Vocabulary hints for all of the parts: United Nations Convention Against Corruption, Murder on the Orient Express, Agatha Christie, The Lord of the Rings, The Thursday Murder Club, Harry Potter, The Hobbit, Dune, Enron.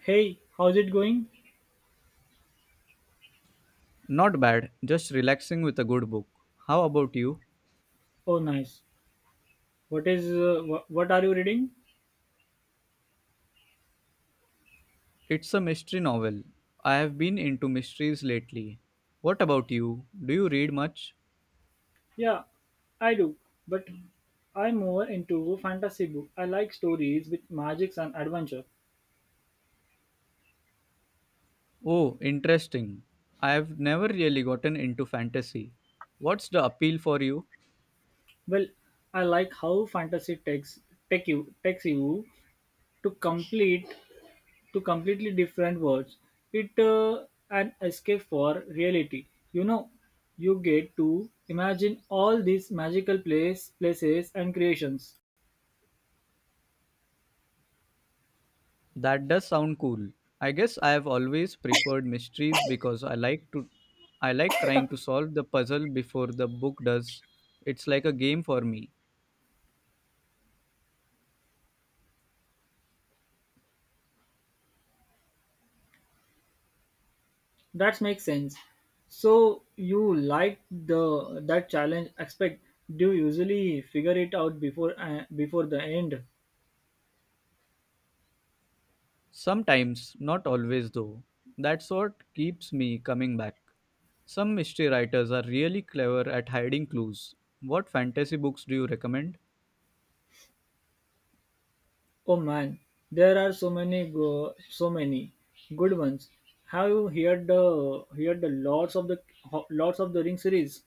Hey, how's it going? Not bad, just relaxing with a good book. How about you? Oh, nice. What is what are you reading? It's a mystery novel. I have been into mysteries lately. What about you? Do you read much? Yeah, I do, but I'm more into fantasy book. I like stories with magics and adventure. Oh, interesting. I have never really gotten into fantasy. What's the appeal for you? Well, I like how fantasy takes you to complete to completely different worlds. It An escape for reality. You know, you get to imagine all these magical places and creations. That does sound cool. I guess I have always preferred mysteries because I like trying to solve the puzzle before the book does. It's like a game for me. That makes sense. So you like the that challenge aspect? Do you usually figure it out before the end? Sometimes, not always though. That's what keeps me coming back. Some mystery writers are really clever at hiding clues. What fantasy books do you recommend? Oh man, there are so many good ones. Have you heard the lots of the ring series?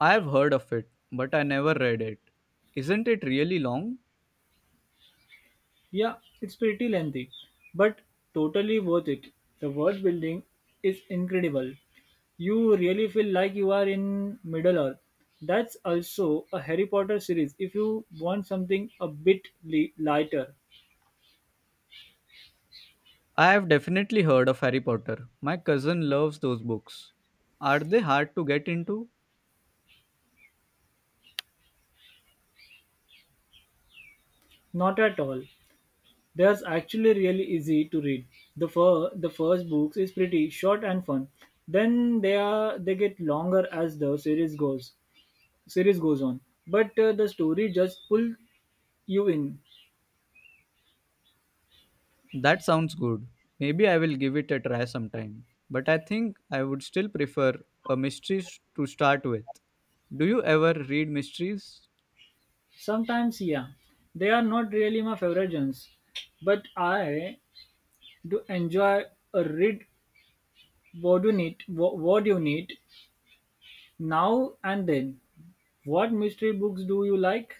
I have heard of it, but I never read it. Isn't it really long? Yeah, it's pretty lengthy, but totally worth it. The world building is incredible. You really feel like you are in Middle Earth. That's also a Harry Potter series if you want something a bit lighter. I have definitely heard of Harry Potter. My cousin loves those books. Are they hard to get into? Not at all. There's actually really easy to read. The first book is pretty short and fun. Then they get longer as the series goes on. But the story just pull you in. That sounds good. Maybe I will give it a try sometime. But I think I would still prefer a to start with. Do you ever read mysteries? Sometimes, yeah, they are not really my favorite genres, but I do enjoy a read. What do you need? What do you need now and then? What mystery books do you like?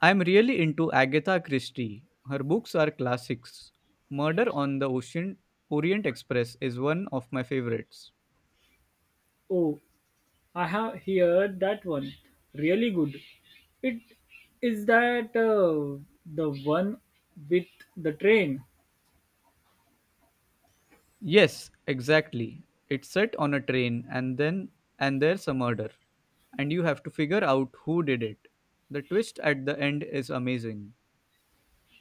I'm really into Agatha Christie. Her books are classics. Murder on the Ocean Orient Express is one of my favorites. Oh, I have heard that one. Really good. It Is that the one with the train. Yes, exactly. It's set on a train, and then and there's a murder and you have to figure out who did it. The twist at the end is amazing.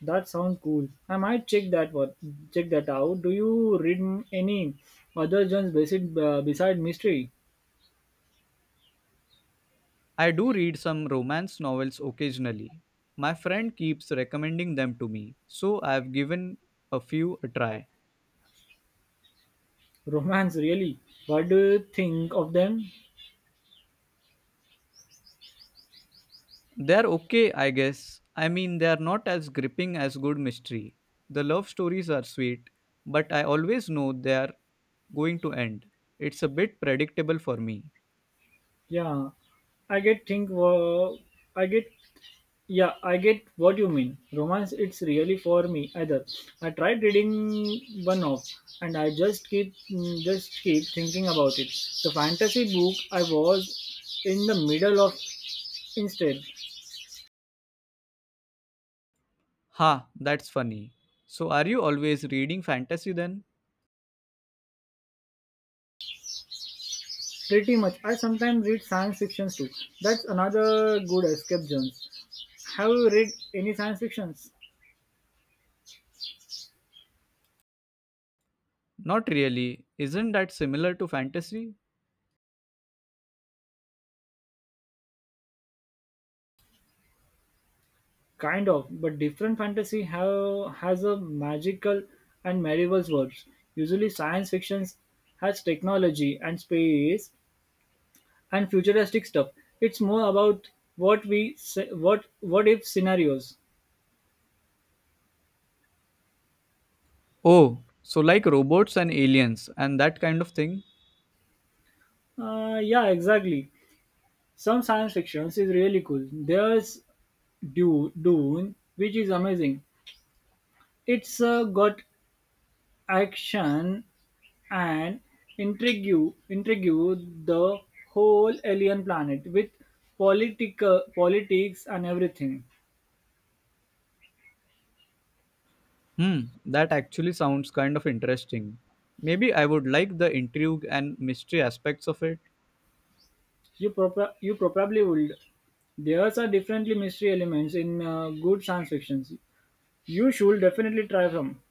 That sounds cool. I might check that one. Check that out. Do you read any other genres beside mystery? I do read some romance novels occasionally. My friend keeps recommending them to me, so I've given a few a try. Romance, really? What do you think of them? They're okay, I guess. I mean, they're not as gripping as good mystery. The love stories are sweet, but I always know they're going to end. It's a bit predictable for me. Yeah, I get think. I get. Yeah, I get what you mean. Romance, it's really for me either. I tried reading one of, and I just just keep thinking about it. The fantasy book I was in the middle of instead. Ha, that's funny. So, are you always reading fantasy then? Pretty much, I sometimes read science fictions too. That's another good escape, Jones. Have you read any science fictions? Not really. Isn't that similar to fantasy? Kind of, but different has a magical and medieval worlds. Usually, science fiction has technology and space and futuristic stuff. It's more about what we se- what if scenarios. Oh, so like robots and aliens and that kind of thing? Yeah, exactly. Some science fiction is really cool. There's Dune, which is amazing. It's got action and intrigue intrigue the whole alien planet with politics and everything. Hmm, that actually sounds kind of interesting. Maybe I would like the intrigue and mystery aspects of it. You probably would. There are differently mystery elements in good science fiction. You should definitely try them.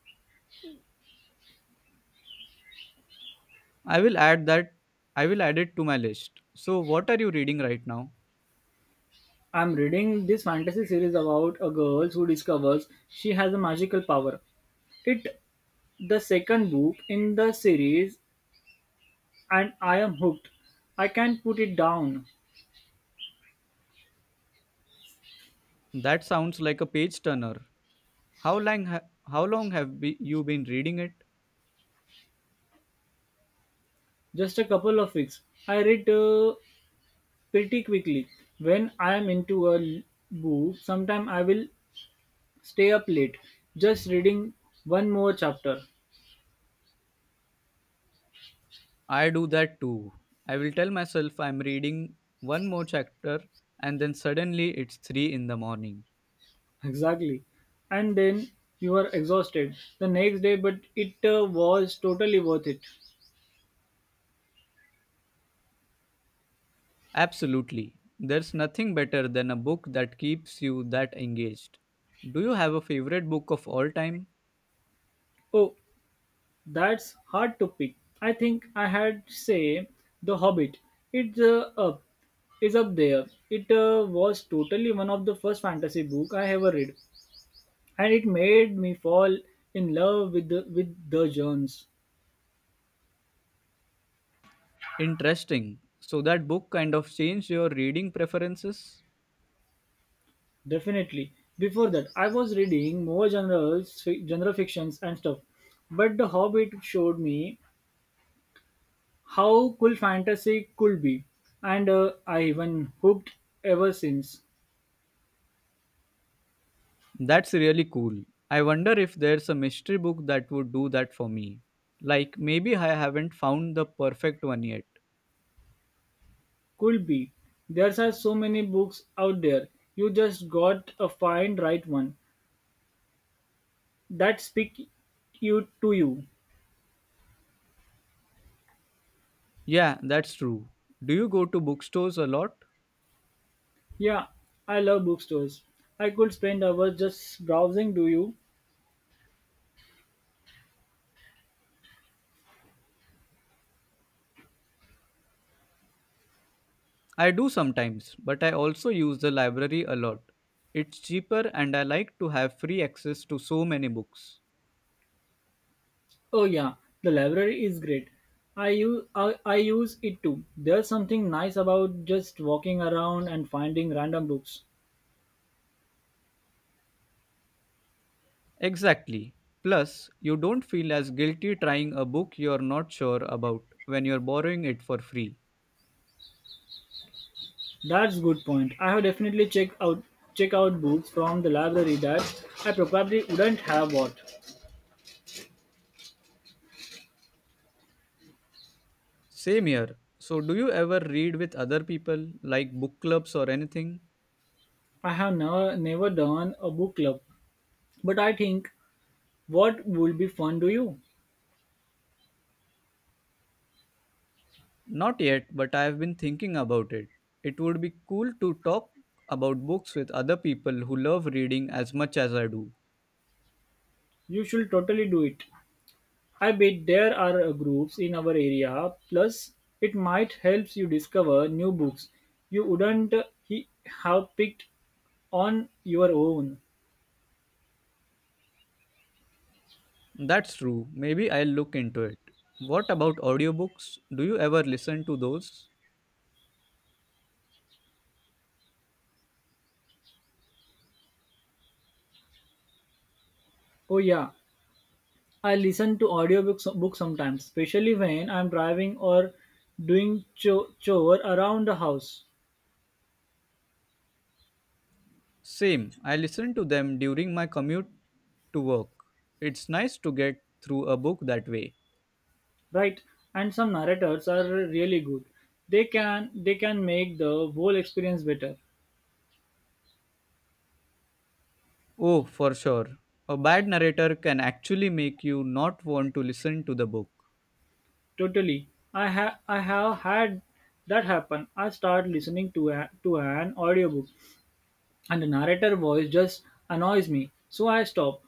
I will add that I will add it to my list. So what are you reading right now? I'm reading this fantasy series about a girl who discovers she has a magical power. It the second book in the series and I am hooked. I can't put it down. That sounds like a page turner. How long ha- how long you been reading it? Just a couple of weeks. I read pretty quickly. When I am into a book, sometimes I will stay up late just reading one more chapter. I do that too. I will tell myself I'm reading one more chapter, and then suddenly it's 3 in the morning. Exactly. And then you are exhausted the next day, but it was totally worth it. Absolutely. There's nothing better than a book that keeps you that engaged. Do you have a favorite book of all time? Oh, that's hard to pick. I think I had say The Hobbit. It's up there. It was totally one of the first fantasy book I ever read, and it made me fall in love with the genres. Interesting. So that book kind of changed your reading preferences? Definitely before that I was reading more genre fictions and stuff, but the Hobbit showed me how cool fantasy could be, and I even hooked ever since. That's really cool. I wonder if there's a mystery book that would do that for me. Like maybe I haven't found the perfect one yet. Could be, there are so many books out there. You just got to find right one that speak you to you. Yeah, that's true. Do you go to bookstores a lot? Yeah, I love bookstores. I could spend hours just browsing. Do you? I do sometimes, but I also use the library a lot. It's cheaper and I like to have free access to so many books. Oh yeah, the library is great. I use it too. There's something nice about just walking around and finding random books. Exactly. Plus, you don't feel as guilty trying a book you're not sure about when you're borrowing it for free. That's good point. I have definitely checked out books from the library that I probably wouldn't have bought. Same here. So, do you ever read with other people, like book clubs or anything? I have never done a book club, but I think what would be fun to you? Not yet, but I have been thinking about it. It would be cool to talk about books with other people who love reading as much as I do. You should totally do it. I bet there are groups in our area, plus it might help you discover new books you wouldn't have picked on your own. That's true. Maybe I'll look into it. What about audiobooks? Do you ever listen to those? Oh yeah, I listen to audiobooks books sometimes, especially when I'm driving or doing chore around the house. Same. I listen to them during my commute to work. It's nice to get through a book that way. Right? And some narrators are really good. They can make the whole experience better. Oh, for sure. A bad narrator can actually make you not want to listen to the book. Totally. I have had that happen. I start listening to to an audiobook and the narrator voice just annoys me. So I stop.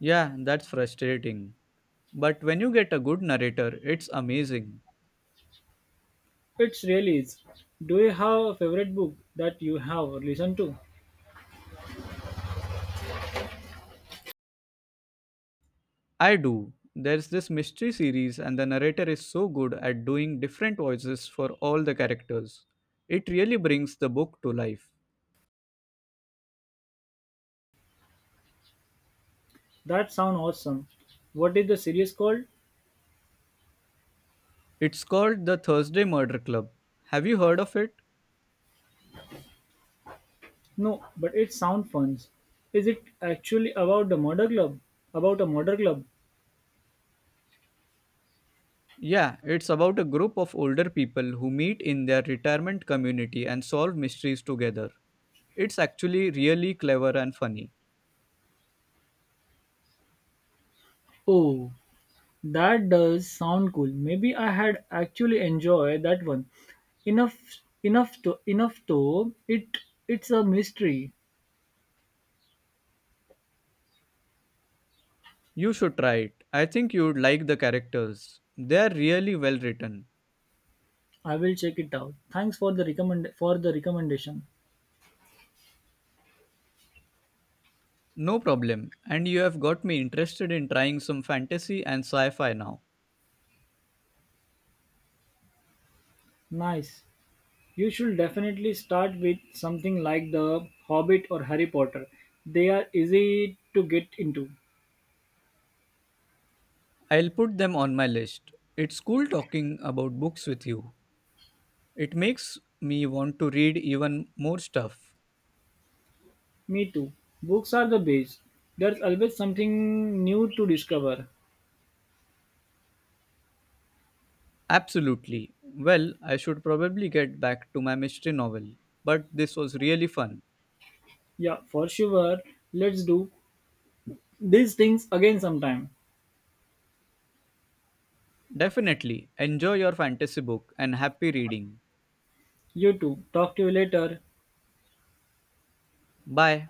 Yeah, that's frustrating. But when you get a good narrator, it's amazing. It's really is. Do you have a favorite book that you have listened to? I do. There's this mystery series, and the narrator is so good at doing different voices for all the characters. It really brings the book to life. That sound awesome. What is the series called? It's called The Thursday Murder Club. Have you heard of it? No, but it sound fun. Is it actually about the murder club? About a murder club? Yeah, it's about a group of older people who meet in their retirement community and solve mysteries together. It's actually really clever and funny. Oh, that does sound cool. Maybe I had actually enjoyed that one. Enough Enough though it it's a mystery. You should try it. I think you'd like the characters. They're really well written. I will check it out. Thanks for the recommendation. No problem, and you have got me interested in trying some fantasy and sci fi now. Nice. You should definitely start with something like The Hobbit or Harry Potter. They are easy to get into. I'll put them on my list. It's cool talking about books with you. It makes me want to read even more stuff. Me too. Books are the base. There's always something new to discover. Absolutely. Well, I should probably get back to my mystery novel, but this was really fun. Yeah, for sure. Let's do these things again sometime. Definitely. Enjoy your fantasy book and happy reading. You too. Talk to you later. Bye.